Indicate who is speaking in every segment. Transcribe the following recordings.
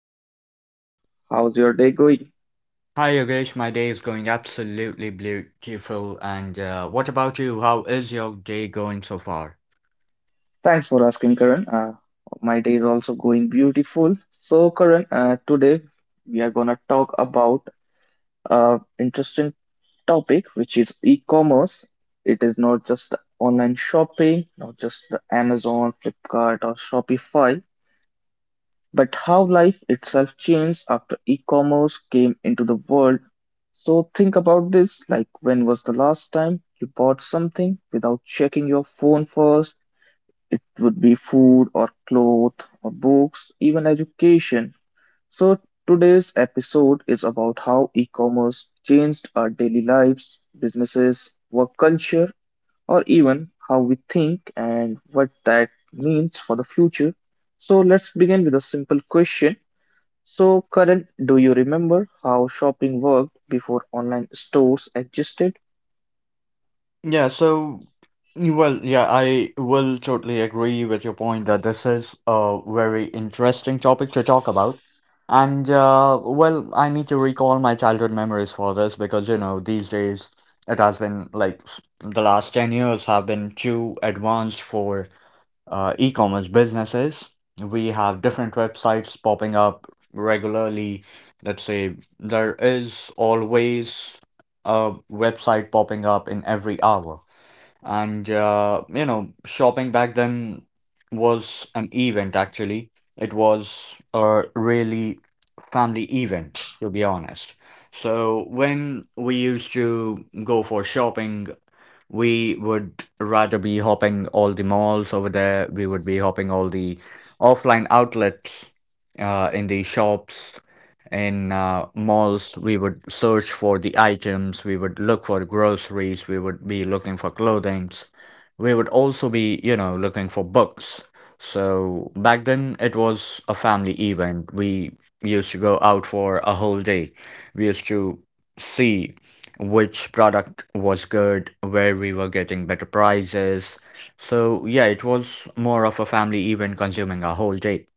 Speaker 1: So, Karan, how's your day going?
Speaker 2: Hi Yogesh, my day is going absolutely beautiful. And what about you? How is your day going so far?
Speaker 1: Thanks for asking, Karan. My day is also going beautiful. So, Karan, today we are gonna talk about interesting topic, which is e-commerce. It is not just online shopping, not just the Amazon, Flipkart, or Shopify, but how life itself changed after e-commerce came into the world. So think about this, like, when was the last time you bought something without checking your phone first? It would be food or clothes or books, even education. So today's episode is about how e-commerce changed our daily lives, businesses, work culture, or even how we think and what that means for the future. So let's begin with a simple question. So, Karan, do you remember how shopping worked before online stores existed?
Speaker 2: Yeah, so, well, yeah, I will totally agree with your point that this is a very interesting topic to talk about. And, well, I need to recall my childhood memories for this because, these days it has been like the last 10 years have been too advanced for e-commerce businesses. We have different websites popping up regularly. Let's say there is always a website popping up in every hour. And shopping back then was an event actually. It was a really family event, to be honest. So when we used to go for shopping, we would rather be hopping all the malls over there. We would be hopping all the offline outlets in the shops, in malls. We would search for the items. We would look for groceries. We would be looking for clothing. We would also be, looking for books. So back then it was a family event. We used to go out for a whole day. We used to see which product was good, where we were getting better prices. So yeah, it was more of a family event consuming our whole day.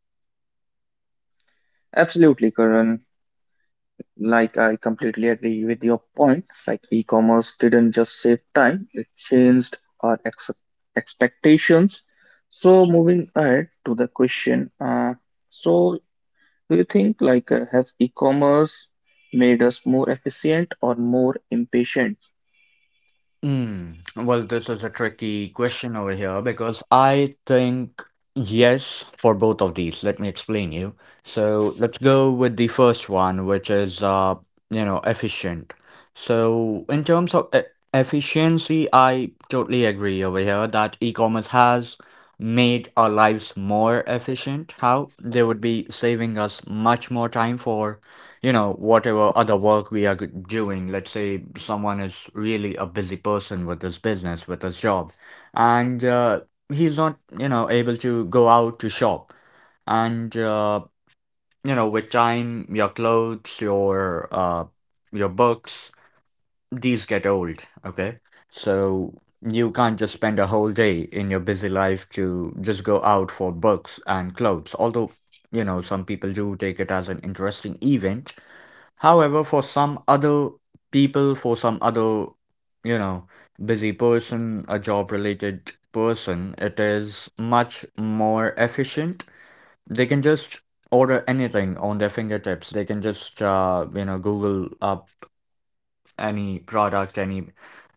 Speaker 1: Absolutely, Karan. Like, I completely agree with your point. Like, e commerce didn't just save time, it changed our expectations. So, moving ahead to the question, so, do you think, like, has e commerce made us more efficient or more impatient?
Speaker 2: Mm. Well, this is a tricky question over here because I think yes for both of these. Let me explain you. So let's go with the first one, which is efficient. So in terms of e efficiency, I totally agree over here that e-commerce has made our lives more efficient. How they would be saving us much more time for whatever other work we are doing. Let's say someone is really a busy person with his business, with his job, and he's not, able to go out to shop. And with time, your clothes, your books, these get old. Okay, so you can't just spend a whole day in your busy life to just go out for books and clothes. Although, some people do take it as an interesting event. However, for some other, you know, busy person, a job-related person, it is much more efficient. They can just order anything on their fingertips. They can just, Google up any product, any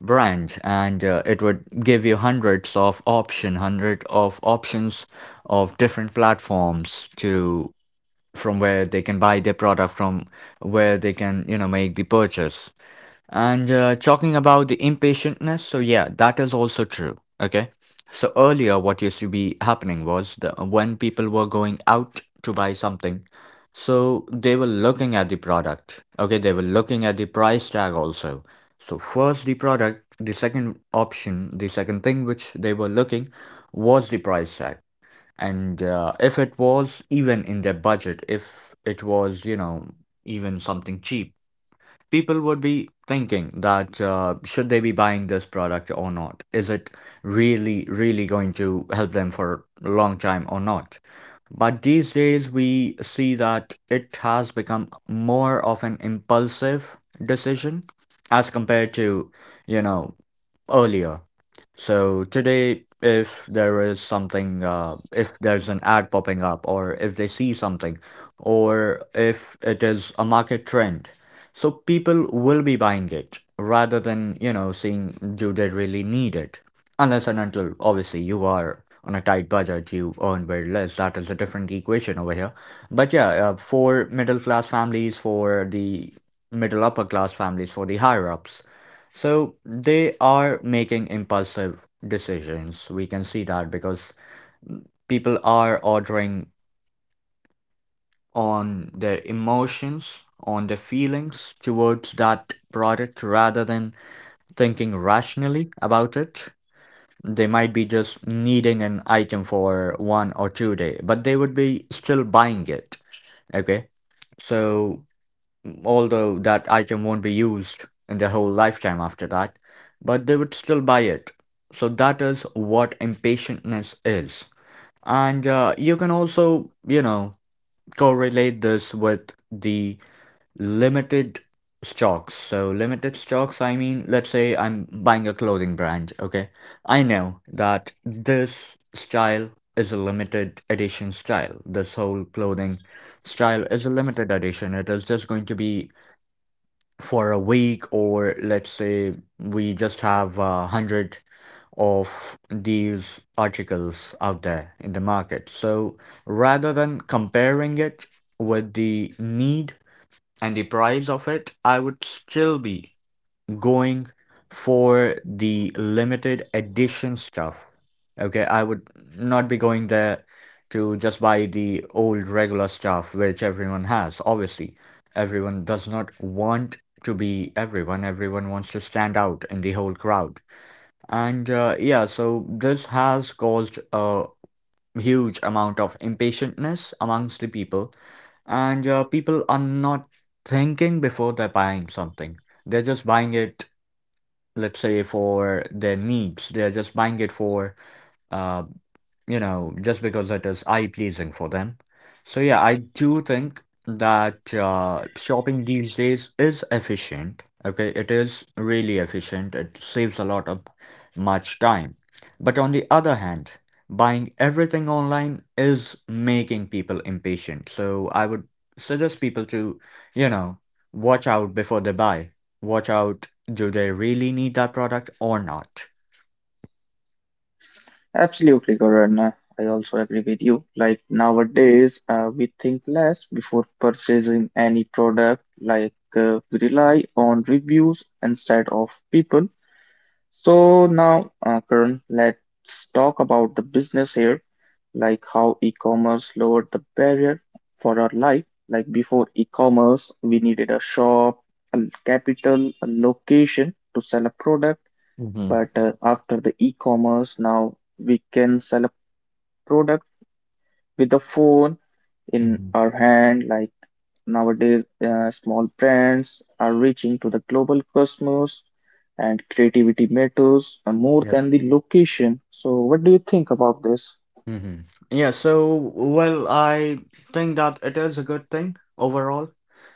Speaker 2: brand, and it would give you hundred of options of different platforms to from where they can buy their product from where they can make the purchase. And talking about the impatientness, so yeah, that is also true. Okay, so earlier what used to be happening was when people were going out to buy something, so they were looking at the product. Okay, they were looking at the price tag also. So first the product, the second thing which they were looking was the price tag. And if it was even in their budget, if it was, even something cheap, people would be thinking that should they be buying this product or not? Is it really, really going to help them for a long time or not? But these days, we see that it has become more of an impulsive decision as compared to, you know, earlier. So today, if there is something, if there's an ad popping up, or if they see something, or if it is a market trend, so people will be buying it rather than, seeing do they really need it? Unless and until, obviously, you are on a tight budget, you earn very less. That is a different equation over here. But yeah, for middle class families, for the middle upper class families, for the higher ups. So they are making impulsive decisions. We can see that because people are ordering on their emotions, on their feelings towards that product rather than thinking rationally about it. They might be just needing an item for 1 or 2 day, but they would be still buying it. Okay, so although that item won't be used in their whole lifetime after that, but they would still buy it. So that is what impatientness is. And you can also, correlate this with the limited stocks. So, limited stocks, I mean, let's say I'm buying a clothing brand, okay? I know that this style is a limited edition style. This whole clothing style is a limited edition. It is just going to be for a week, or let's say we just have 100 of these articles out there in the market. So rather than comparing it with the need and the price of it, I would still be going for the limited edition stuff. Okay, I would not be going there to just buy the old regular stuff which everyone has. Obviously, everyone does not want to be everyone. Everyone wants to stand out in the whole crowd. And yeah, so this has caused a huge amount of impatientness amongst the people, and people are not thinking before they're buying something. They're just buying it, let's say, for their needs. They're just buying it for uh just because it is eye-pleasing for them. So yeah, I do think that shopping these days is efficient. Okay, it is really efficient. It saves a lot of much time. But on the other hand, buying everything online is making people impatient. So I would suggest people to, you know, watch out before they buy. Watch out, do they really need that product or not?
Speaker 1: Absolutely, Karan. I also agree with you. Like nowadays, we think less before purchasing any product. Like, we rely on reviews instead of people. So now, Karan, let's talk about the business here. Like how e-commerce lowered the barrier for our life. Like before e-commerce, we needed a shop, a capital, a location to sell a product.
Speaker 2: Mm-hmm.
Speaker 1: But, after the e-commerce, now we can sell product with a phone in
Speaker 2: Mm-hmm.
Speaker 1: our hand. Like nowadays, small brands are reaching to the global customers, and creativity matters more
Speaker 2: Yep.
Speaker 1: than the location. So what do you think about this?
Speaker 2: Mm-hmm. Yeah, so well, I think that it is a good thing overall.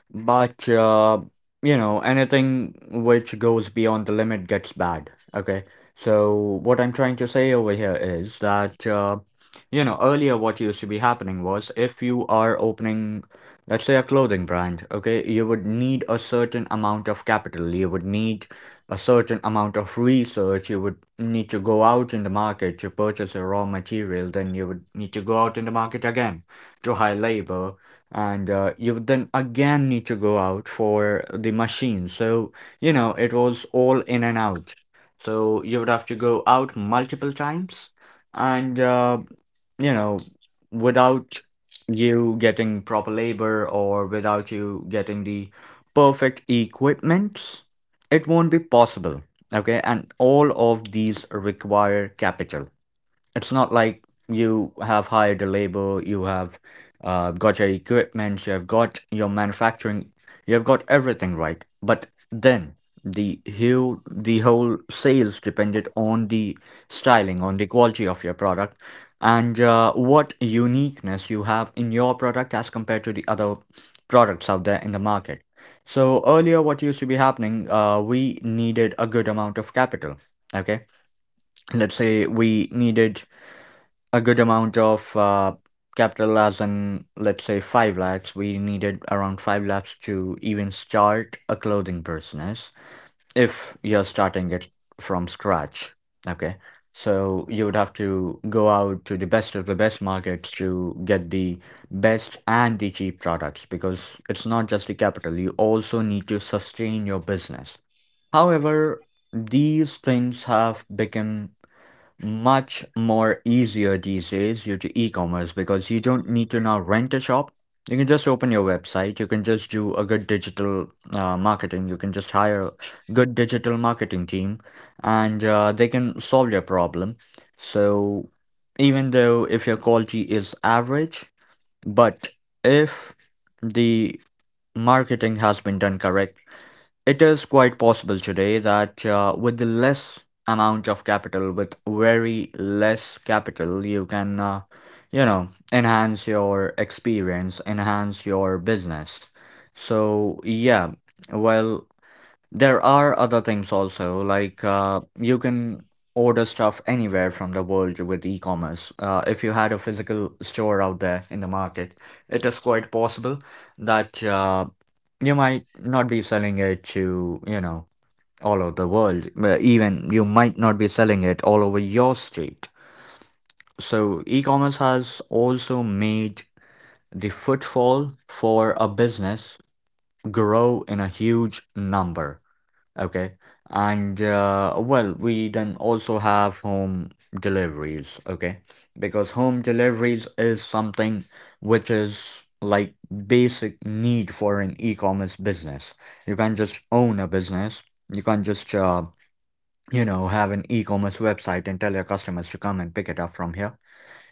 Speaker 2: But anything which goes beyond the limit gets bad. Okay, so what I'm trying to say over here is that earlier what used to be happening was if you are opening, let's say a clothing brand, okay, you would need a certain amount of capital. You would need a certain amount of research. You would need to go out in the market to purchase a raw material. Then you would need to go out in the market again to hire labor, and you would then again need to go out for the machine. So, it was all in and out. So you would have to go out multiple times and, you know, without you getting proper labor or without you getting the perfect equipment, it won't be possible. Okay, and all of these require capital. It's not like you have hired a labor, you have got your equipment, you have got your manufacturing, you have got everything right. But then the whole sales depended on the styling, on the quality of your product, and what uniqueness you have in your product as compared to the other products out there in the market. So earlier, what used to be happening, we needed a good amount of capital. Okay, let's say we needed a good amount of capital, as in let's say 5 lakhs, we needed around 5 lakhs to even start a clothing business if you're starting it from scratch. Okay, so you would have to go out to the best of the best markets to get the best and the cheap products, because it's not just the capital, you also need to sustain your business. However, these things have become much more easier these days due to e-commerce, because you don't need to now rent a shop. You can just open your website. You can just do a good digital marketing. You can just hire a good digital marketing team, and they can solve your problem. So even though if your quality is average, but if the marketing has been done correctly, it is quite possible today that with the less amount of capital, with very less capital, you can, enhance your experience, enhance your business. So, yeah, well, there are other things also, like you can order stuff anywhere from the world with e-commerce. If you had a physical store out there in the market, it is quite possible that you might not be selling it to, all over the world. But even you might not be selling it all over your state. So e-commerce has also made the footfall for a business grow in a huge number. Okay. And well, we then also have home deliveries, okay? Because home deliveries is something which is like basic need for an e-commerce business. You can't just own a business. You can't just have an e-commerce website and tell your customers to come and pick it up from here,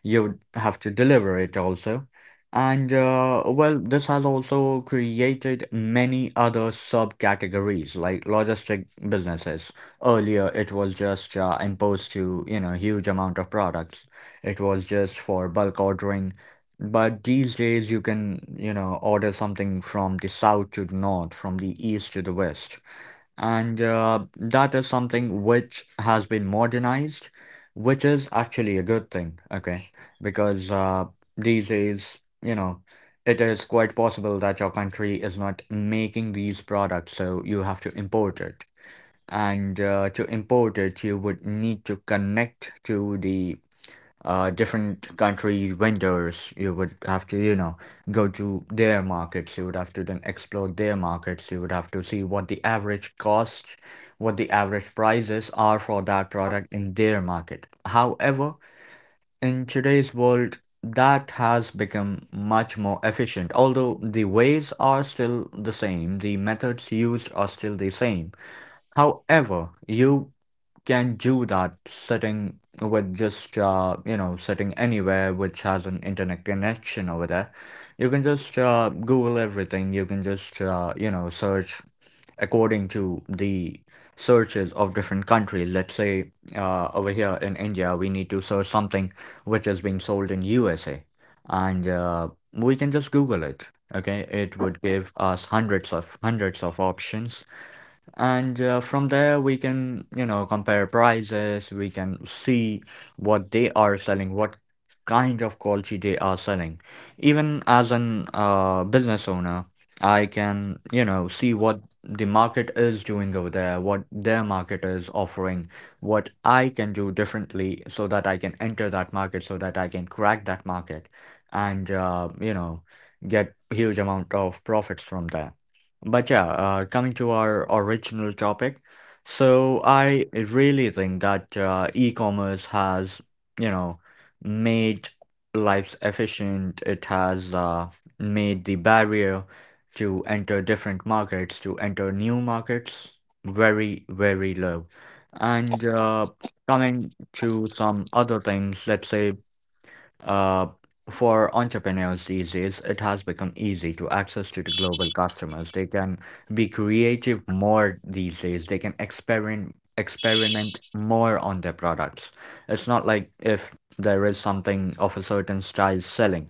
Speaker 2: you would have to deliver it also. This has also created many other subcategories like logistic businesses. Earlier, it was just imposed to, huge amount of products. It was just for bulk ordering. But these days, you can, order something from the south to the north, from the east to the west. And That is something which has been modernized, which is actually a good thing, okay? Because these days, it is quite possible that your country is not making these products, so you have to import it. And to import it, you would need to connect to the different countries' vendors. You would have to, go to their markets. You would have to then explore their markets. You would have to see what the average costs, what the average prices are for that product in their market. However, in today's world, that has become much more efficient. Although the ways are still the same, the methods used are still the same. However, you can do that sitting with just sitting anywhere which has an internet connection over there. You can just Google everything. You can just search according to the searches of different countries. Let's say over here in India, we need to search something which is being sold in USA, and we can just Google it. Okay, it would give us hundreds of options and from there, we can, compare prices. We can see what they are selling, what kind of quality they are selling. Even as an business owner, I can, see what the market is doing over there, what their market is offering, what I can do differently so that I can enter that market, so that I can crack that market and get huge amount of profits from there. But yeah, coming to our original topic, so I really think that e-commerce has, you know, made lives efficient. It has made the barrier to enter different markets, to enter new markets, very, very low. And coming to some other things, let's say uh, for entrepreneurs these days, it has become easy to access to the global customers. They can be creative more these days. They can experiment more on their products. It's not like if there is something of a certain style selling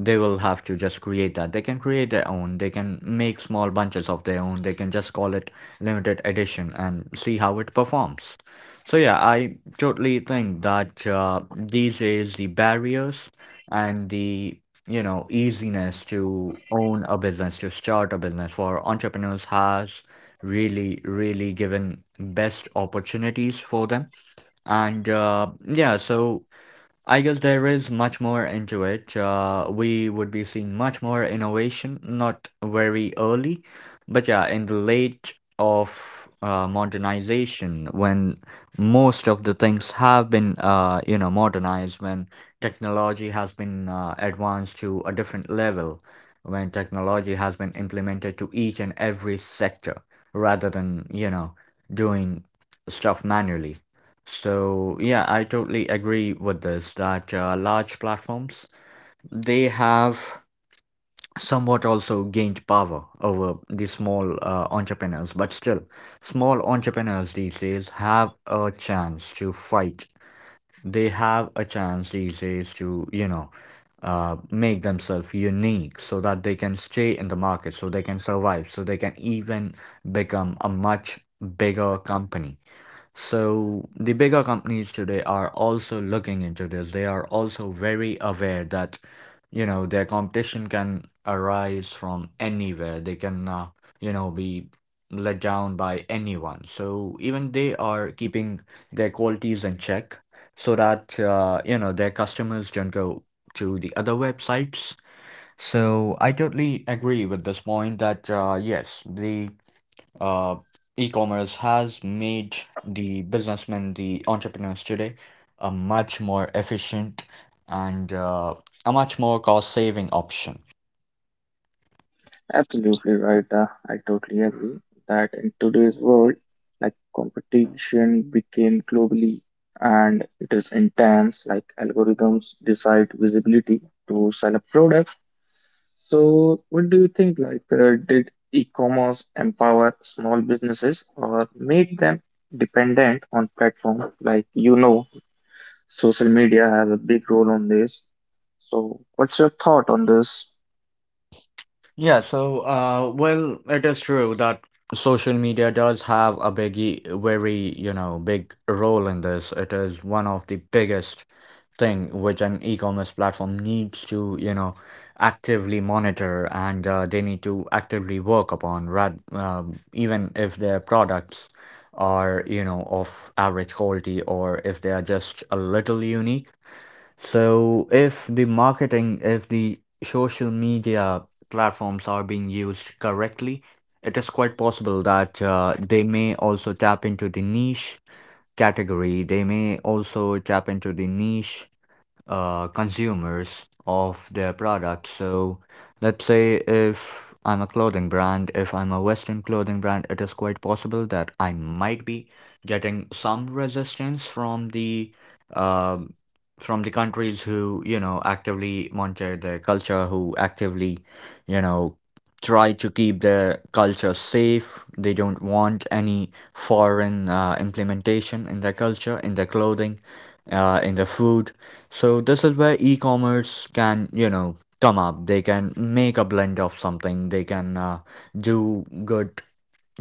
Speaker 2: they will have to just create that. They can create their own, they can make small bunches of their own, they can just call it limited edition and see how it performs. So yeah, I totally think that these days the barriers and the easiness to own a business, to start a business for entrepreneurs has really, really given best opportunities for them. And uh, yeah so I guess there is much more into it. We would be seeing much more innovation, not very early, but yeah, in the late of modernization, when most of the things have been, modernized, when technology has been advanced to a different level, when technology has been implemented to each and every sector, rather than, doing stuff manually. So yeah, I totally agree with this that large platforms they have somewhat also gained power over the small entrepreneurs, but still, small entrepreneurs these days have a chance to fight. They have a chance these days to, make themselves unique so that they can stay in the market, so they can survive, so they can even become a much bigger company. So the bigger companies today are also looking into this. They are also very aware that, their competition can arise from anywhere. They can, be let down by anyone. So even they are keeping their qualities in check so that, their customers don't go to the other websites. So I totally agree with this point that, yes, the uh, e-commerce has made the businessmen, the entrepreneurs today, a much more efficient and a much more cost-saving option.
Speaker 1: Absolutely right. I totally agree that in today's world, like, competition became globally, and it is intense. Like algorithms decide visibility to sell a product. So, what do you think? Like, did e-commerce empower small businesses or make them dependent on platform? Like, you know, social media has a big role on this. So, what's your thought on this?
Speaker 2: Yeah, so it is true that social media does have a biggie very, big role in this. It is one of the biggest thing which an e-commerce platform needs to, actively monitor and they need to actively work upon rad even if their products are, of average quality or if they are just a little unique. So if the marketing, if the social media platforms are being used correctly, it is quite possible that they may also tap into the niche category. They may also tap into the niche consumers of their products. So let's say if I'm a clothing brand, if I'm a Western clothing brand, it is quite possible that I might be getting some resistance um, from the countries who, actively monitor their culture, who actively, you know, try to keep their culture safe. They don't want any foreign implementation in their culture, in their clothing, in their food. So this is where e-commerce can, come up. They can make a blend of something. They can do good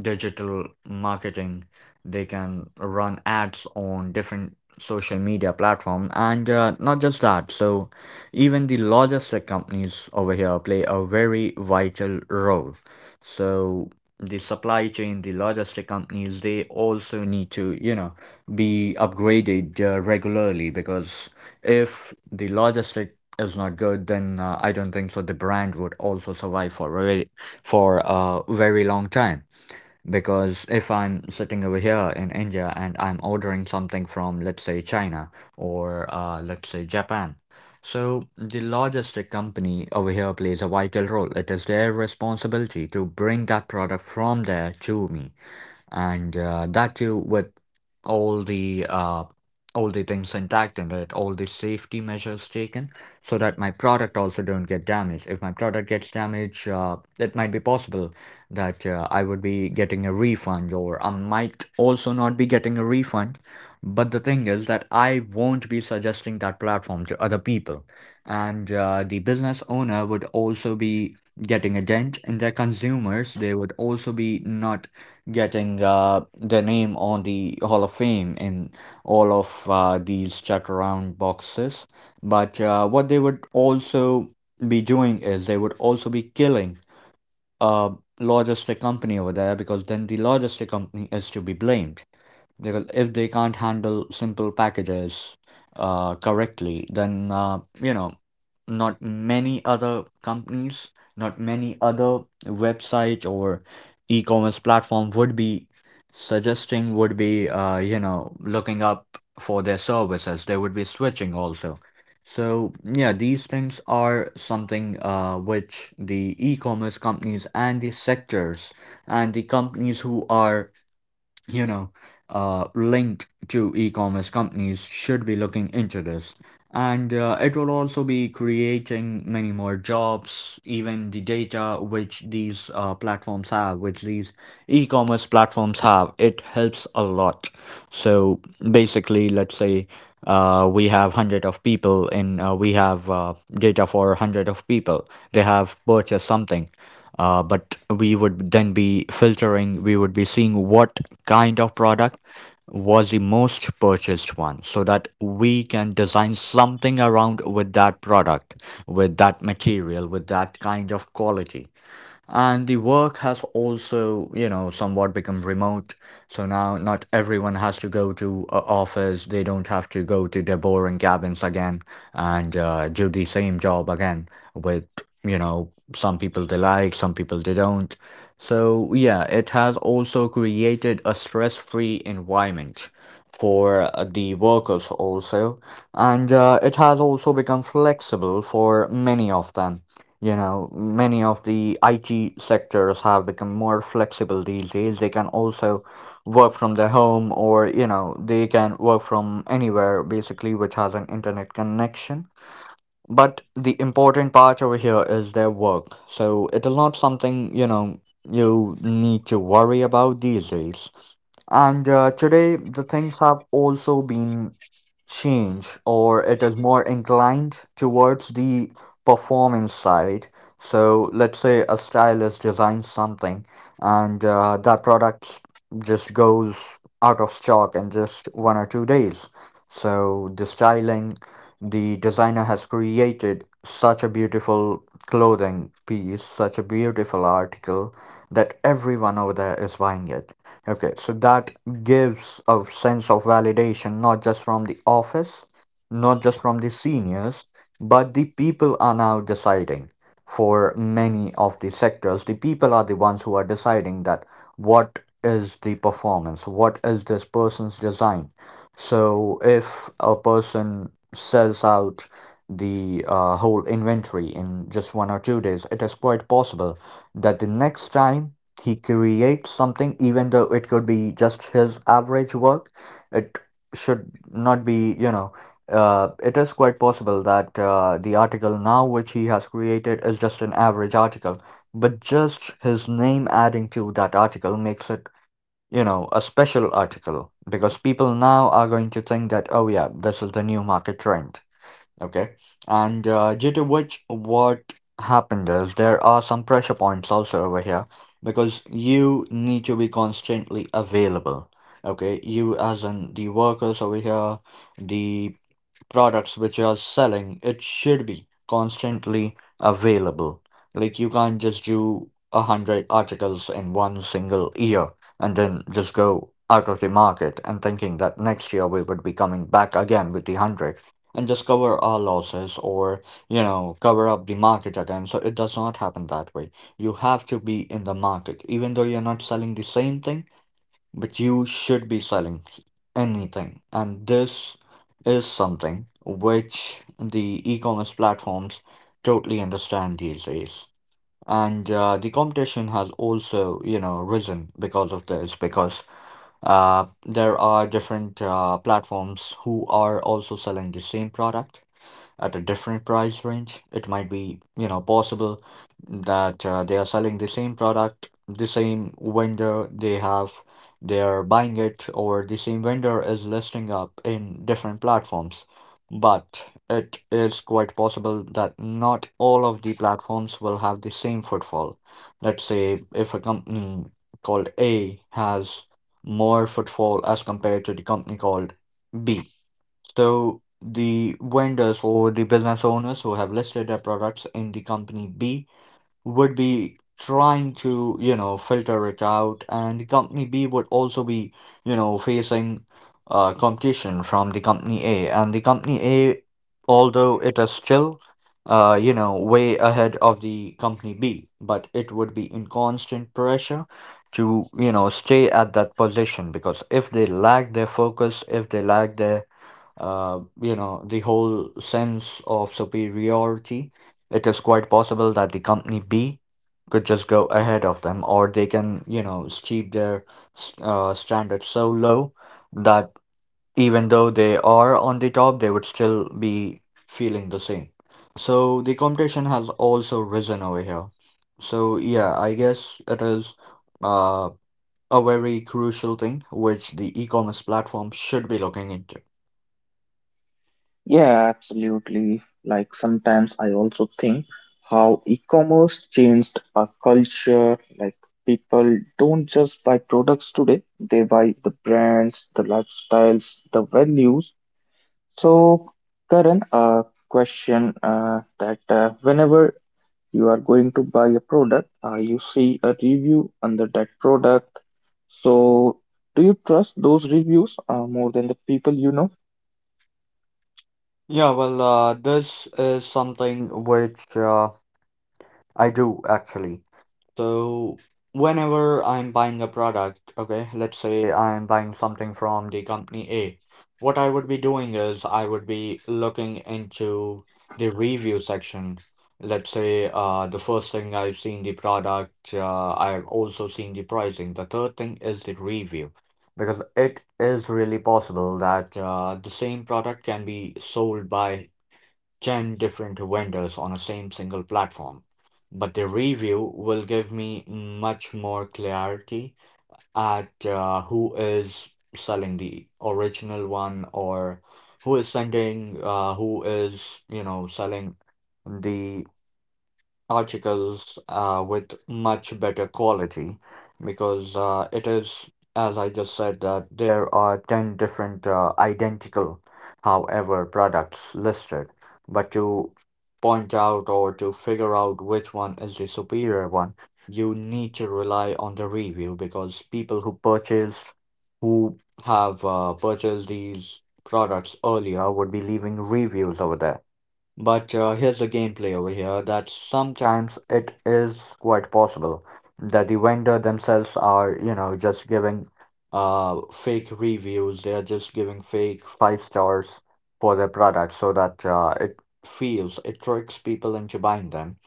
Speaker 2: digital marketing. They can run ads on different social media platform, and not just that. So even the logistic companies over here play a very vital role. So the supply chain, the logistic companies, they also need to, be upgraded regularly, because if the logistic is not good, then I don't think so. The brand would also survive for a very long time. Because if I'm sitting over here in India and I'm ordering something from, let's say, China, or let's say Japan, so the logistic company over here plays a vital role. It is their responsibility to bring that product from there to me, and that too with all the uh, all the things intact in it, all the safety measures taken, so that my product also don't get damaged. If my product gets damaged, it might be possible that I would be getting a refund, or I might also not be getting a refund. But the thing is that I won't be suggesting that platform to other people, and the business owner would also be getting a dent in their consumers. They would also be not getting their name on the Hall of Fame in all of these checked around boxes. But what they would also be doing is they would also be killing a logistic company over there, because then the logistic company is to be blamed. Because if they can't handle simple packages correctly, then not many other companies, not many other websites or e-commerce platform would be suggesting, would be looking up for their services. They would be switching also. So yeah, these things are something which the e-commerce companies and the sectors and the companies who are you know, linked to e-commerce companies should be looking into this. And it will also be creating many more jobs. Even the data which these platforms have, which these e-commerce platforms have, it helps a lot. So basically, let's say we have hundred of people in we have data for hundred of people. They have purchased something, but we would then be filtering, we would be seeing what kind of product was the most purchased one, so that we can design something around with that product, with that material, with that kind of quality. And the work has also, somewhat become remote. So now not everyone has to go to a office. They don't have to go to their boring cabins again and do the same job again with, some people they like, some people they don't. So yeah, it has also created a stress-free environment for the workers also, and it has also become flexible for many of them. You know, many of the IT sectors have become more flexible these days. They can also work from their home, or they can work from anywhere basically which has an internet connection. But the important part over here is their work, so it is not something you need to worry about these days. And today, the things have also been changed, or it is more inclined towards the performance side. So, let's say a stylist designs something, and that product just goes out of stock in just 1 or 2 days. So, the styling, the designer has created such a beautiful clothing piece, such a beautiful article that everyone over there is buying it. Okay, so that gives a sense of validation not just from the office, not just from the seniors, but the people are now deciding. For many of the sectors, the people are the ones who are deciding that what is the performance, what is this person's design. So if a person sells out the whole inventory in just 1 or 2 days, it is quite possible that the next time he creates something even though it could be just his average work. It should not be, it is quite possible that the article now which he has created is just an average article, but just his name adding to that article makes it, a special article because people now are going to think that, oh yeah, this is the new market trend. Okay. And due to which, what happened is there are some pressure points also over here because you need to be constantly available. Okay. You, as in the workers over here, the products which you're selling, it should be constantly available. Like you can't just do a hundred articles in one single year and then just go out of the market and thinking that next year we would be coming back again with the hundred and just cover our losses or you know cover up the market again. So it does not happen that way. You have to be in the market even though you're not selling the same thing, but you should be selling anything, and this is something which the e-commerce platforms totally understand these days. And the competition has also, you know, risen because of this, because there are different platforms who are also selling the same product at a different price range. It might be, you know, possible that they are selling the same product, the same vendor they have, they're buying it, or the same vendor is listing up in different platforms. But it is quite possible that not all of the platforms will have the same footfall. Let's say if a company called A has more footfall as compared to the company called B. So the vendors or the business owners who have listed their products in the company B would be trying to, you know, filter it out, and company B would also be, you know, facing competition from the company A. And the company A, although it is still, you know, way ahead of the company B, but it would be in constant pressure to, you know, stay at that position because if they lack their focus, if they lack their you know, the whole sense of superiority, it is quite possible that the company B could just go ahead of them, or they can, you know, steep their standards so low that even though they are on the top, they would still be feeling the same. So the competition has also risen over here. So yeah, I guess it is uh, a very crucial thing which the e-commerce platform should be looking into.
Speaker 1: Yeah, absolutely. Like, sometimes I also think how e-commerce changed our culture. Like, people don't just buy products today; they buy the brands, the lifestyles, the values. So, Karan, a question, that whenever you are going to buy a product, you see a review under that product. So, do you trust those reviews more than the people you know?
Speaker 2: Yeah, well, this is something which I do actually. So, whenever I'm buying a product, okay, let's say I'm buying something from the company A, what I would be doing is I would be looking into the review section. Let's say the first thing I've seen the product, I've also seen the pricing. The third thing is the review. Because it is really possible that the same product can be sold by 10 different vendors on a same single platform, but the review will give me much more clarity at who is selling the original one or who is sending, who is, you know, selling the articles with much better quality because it is, as I just said, that there are 10 different identical, however, products listed. But to point out or to figure out which one is the superior one, you need to rely on the review because people who purchased, who have purchased these products earlier would be leaving reviews over there. But here's the gameplay over here that sometimes it is quite possible that the vendor themselves are, you know, just giving fake reviews. They are just giving fake 5 stars for their product so that it feels it tricks people into buying them,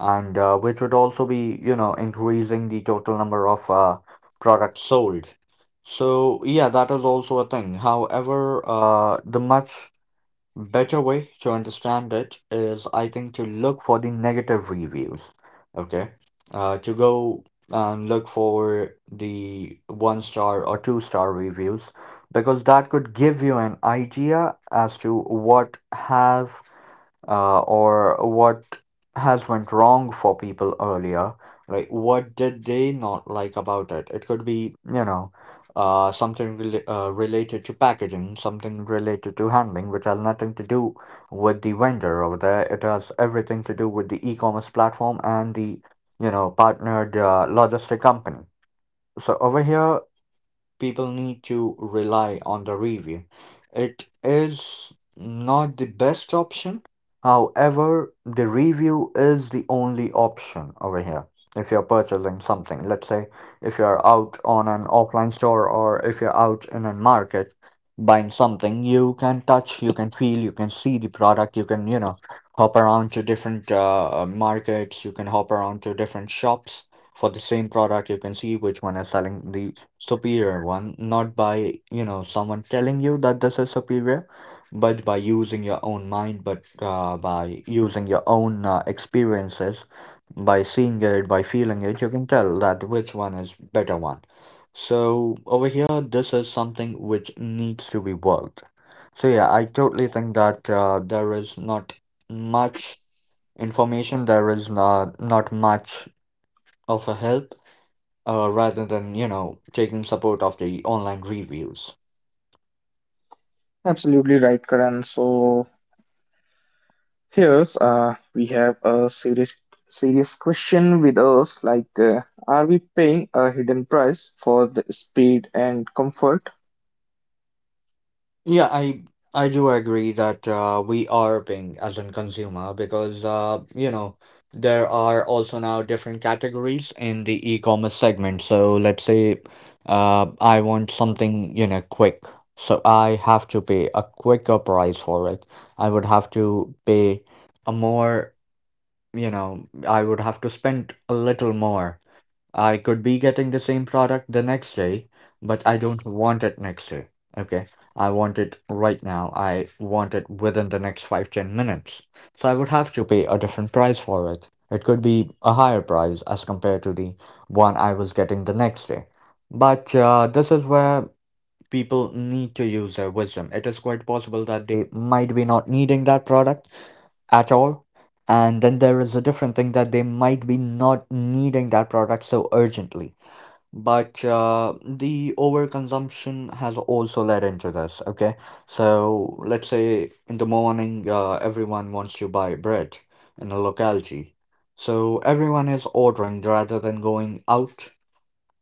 Speaker 2: and which would also be, you know, increasing the total number of products sold. So yeah, that is also a thing. However, the much better way to understand it is, I think, to look for the negative reviews. Okay. To go and look for the 1 star or 2 star reviews because that could give you an idea as to what have or what has went wrong for people earlier, right? What did they not like about it? It could be, you know, something related to packaging, something related to handling, which has nothing to do with the vendor over there. It has everything to do with the e-commerce platform and the, you know, partnered logistic company. So over here people need to rely on the review. It is not the best option. However, the review is the only option over here. If you're purchasing something, let's say if you're out on an offline store or if you're out in a market buying something, you can touch, you can feel, you can see the product, you can, you know, hop around to different markets, you can hop around to different shops for the same product. You can see which one is selling the superior one, not by, you know, someone telling you that this is superior, but by using your own mind, but by using your own experiences, by seeing it, by feeling it, you can tell that which one is better one. So over here, this is something which needs to be worked. So yeah, I totally think that there is not much information, there is not much of a help rather than you know taking support of the online reviews.
Speaker 1: Absolutely right, Karan. So, here's, we have a serious question with us, like, are we paying a hidden price for the speed and comfort?
Speaker 2: Yeah, I do agree that we are paying as in consumer because, you know, there are also now different categories in the e-commerce segment. So let's say I want something you know quick, so I have to pay a quicker price for it. I would have to pay a more, you know, I would have to spend a little more. I could be getting the same product the next day, but I don't want it next day. Okay. I want it right now. I want it within the next five, 10 minutes. So I would have to pay a different price for it. It could be a higher price as compared to the one I was getting the next day. But this is where people need to use their wisdom. It is quite possible that they might be not needing that product at all. And then there is a different thing that they might be not needing that product so urgently. But the overconsumption has also led into this, okay? So let's say in the morning, everyone wants to buy bread in a locality. So everyone is ordering rather than going out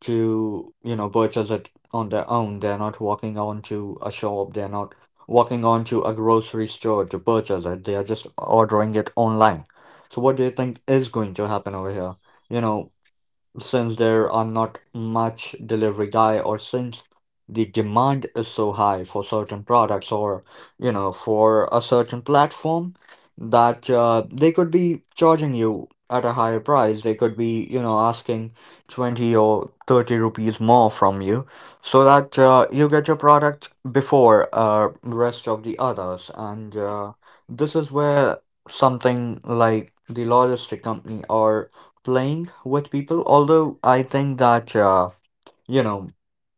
Speaker 2: to, you know, purchase it on their own. They're not walking on to a shop, they're not walking on to a grocery store to purchase it, they are just ordering it online. So what do you think is going to happen over here? You know, since there are not much delivery guy, or since the demand is so high for certain products or, you know, for a certain platform, that they could be charging you at a higher price, they could be, you know, asking 20 or 30 rupees more from you so that you get your product before rest of the others, and this is where something like the logistic company or playing with people. Although I think that, you know,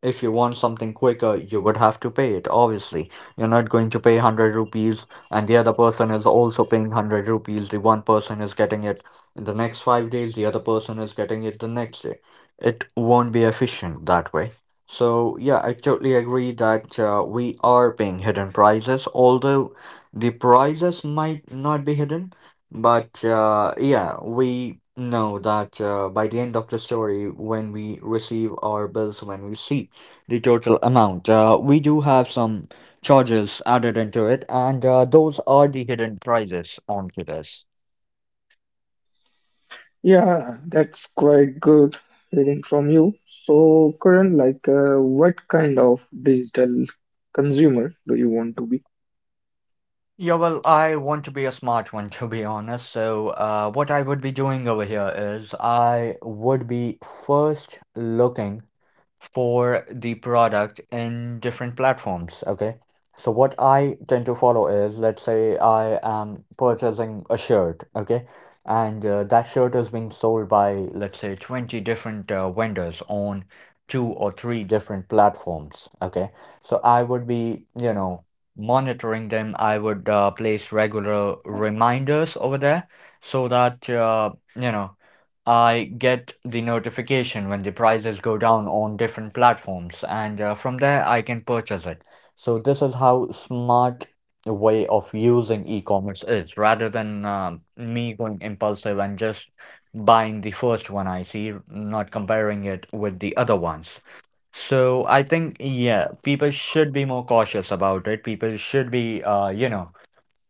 Speaker 2: if you want something quicker, you would have to pay it. Obviously, you're not going to pay 100 rupees, and the other person is also paying 100 rupees. The one person is getting it in the next 5 days. The other person is getting it the next day. It won't be efficient that way. So yeah, I totally agree that we are paying hidden prices, although the prices might not be hidden, but yeah, we know that by the end of the story, when we receive our bills, when we see the total amount, we do have some charges added into it, and those are the hidden prices onto this.
Speaker 1: Yeah, that's quite good hearing from you. So, Karan, like, what kind of digital consumer do you want to be?
Speaker 2: Yeah, well, I want to be a smart one, to be honest. So, what I would be doing over here is I would be first looking for the product in different platforms. Okay. So what I tend to follow is, let's say I am purchasing a shirt, okay, and that shirt is being sold by, let's say, 20 different vendors on two or three different platforms, okay. So I would be, you know, monitoring them. I would place regular reminders over there so that, you know, I get the notification when the prices go down on different platforms, and from there I can purchase it. So this is how smart a way of using e-commerce is, rather than me going impulsive and just buying the first one I see, not comparing it with the other ones. So I think, yeah, people should be more cautious about it. People should be, you know,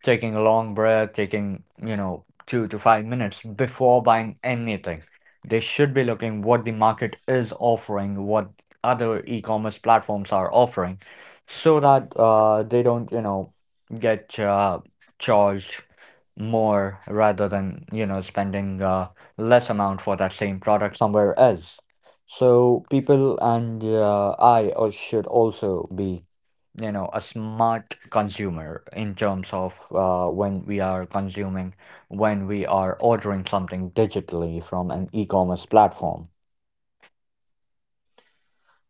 Speaker 2: taking a long breath, taking, you know, 2 to 5 minutes before buying anything. They should be looking what the market is offering, what other e-commerce platforms are offering, so that they don't, you know, get charged more rather than, you know, spending less amount for that same product somewhere else. So people and should also be, you know, a smart consumer in terms of when we are consuming, when we are ordering something digitally from an e-commerce platform.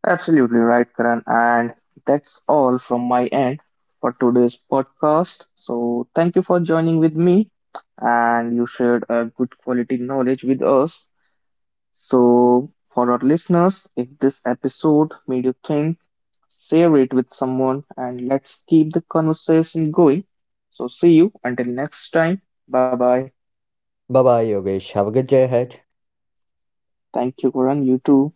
Speaker 1: Absolutely right, Karan. And that's all from my end for today's podcast. So thank you for joining with me, and you shared a good quality knowledge with us. So for our listeners, if this episode made you think, share it with someone, and let's keep the conversation going. So, see you until next time. Bye bye.
Speaker 2: Bye bye, Yogesh, have a good day ahead.
Speaker 1: Thank you, Karan. You too.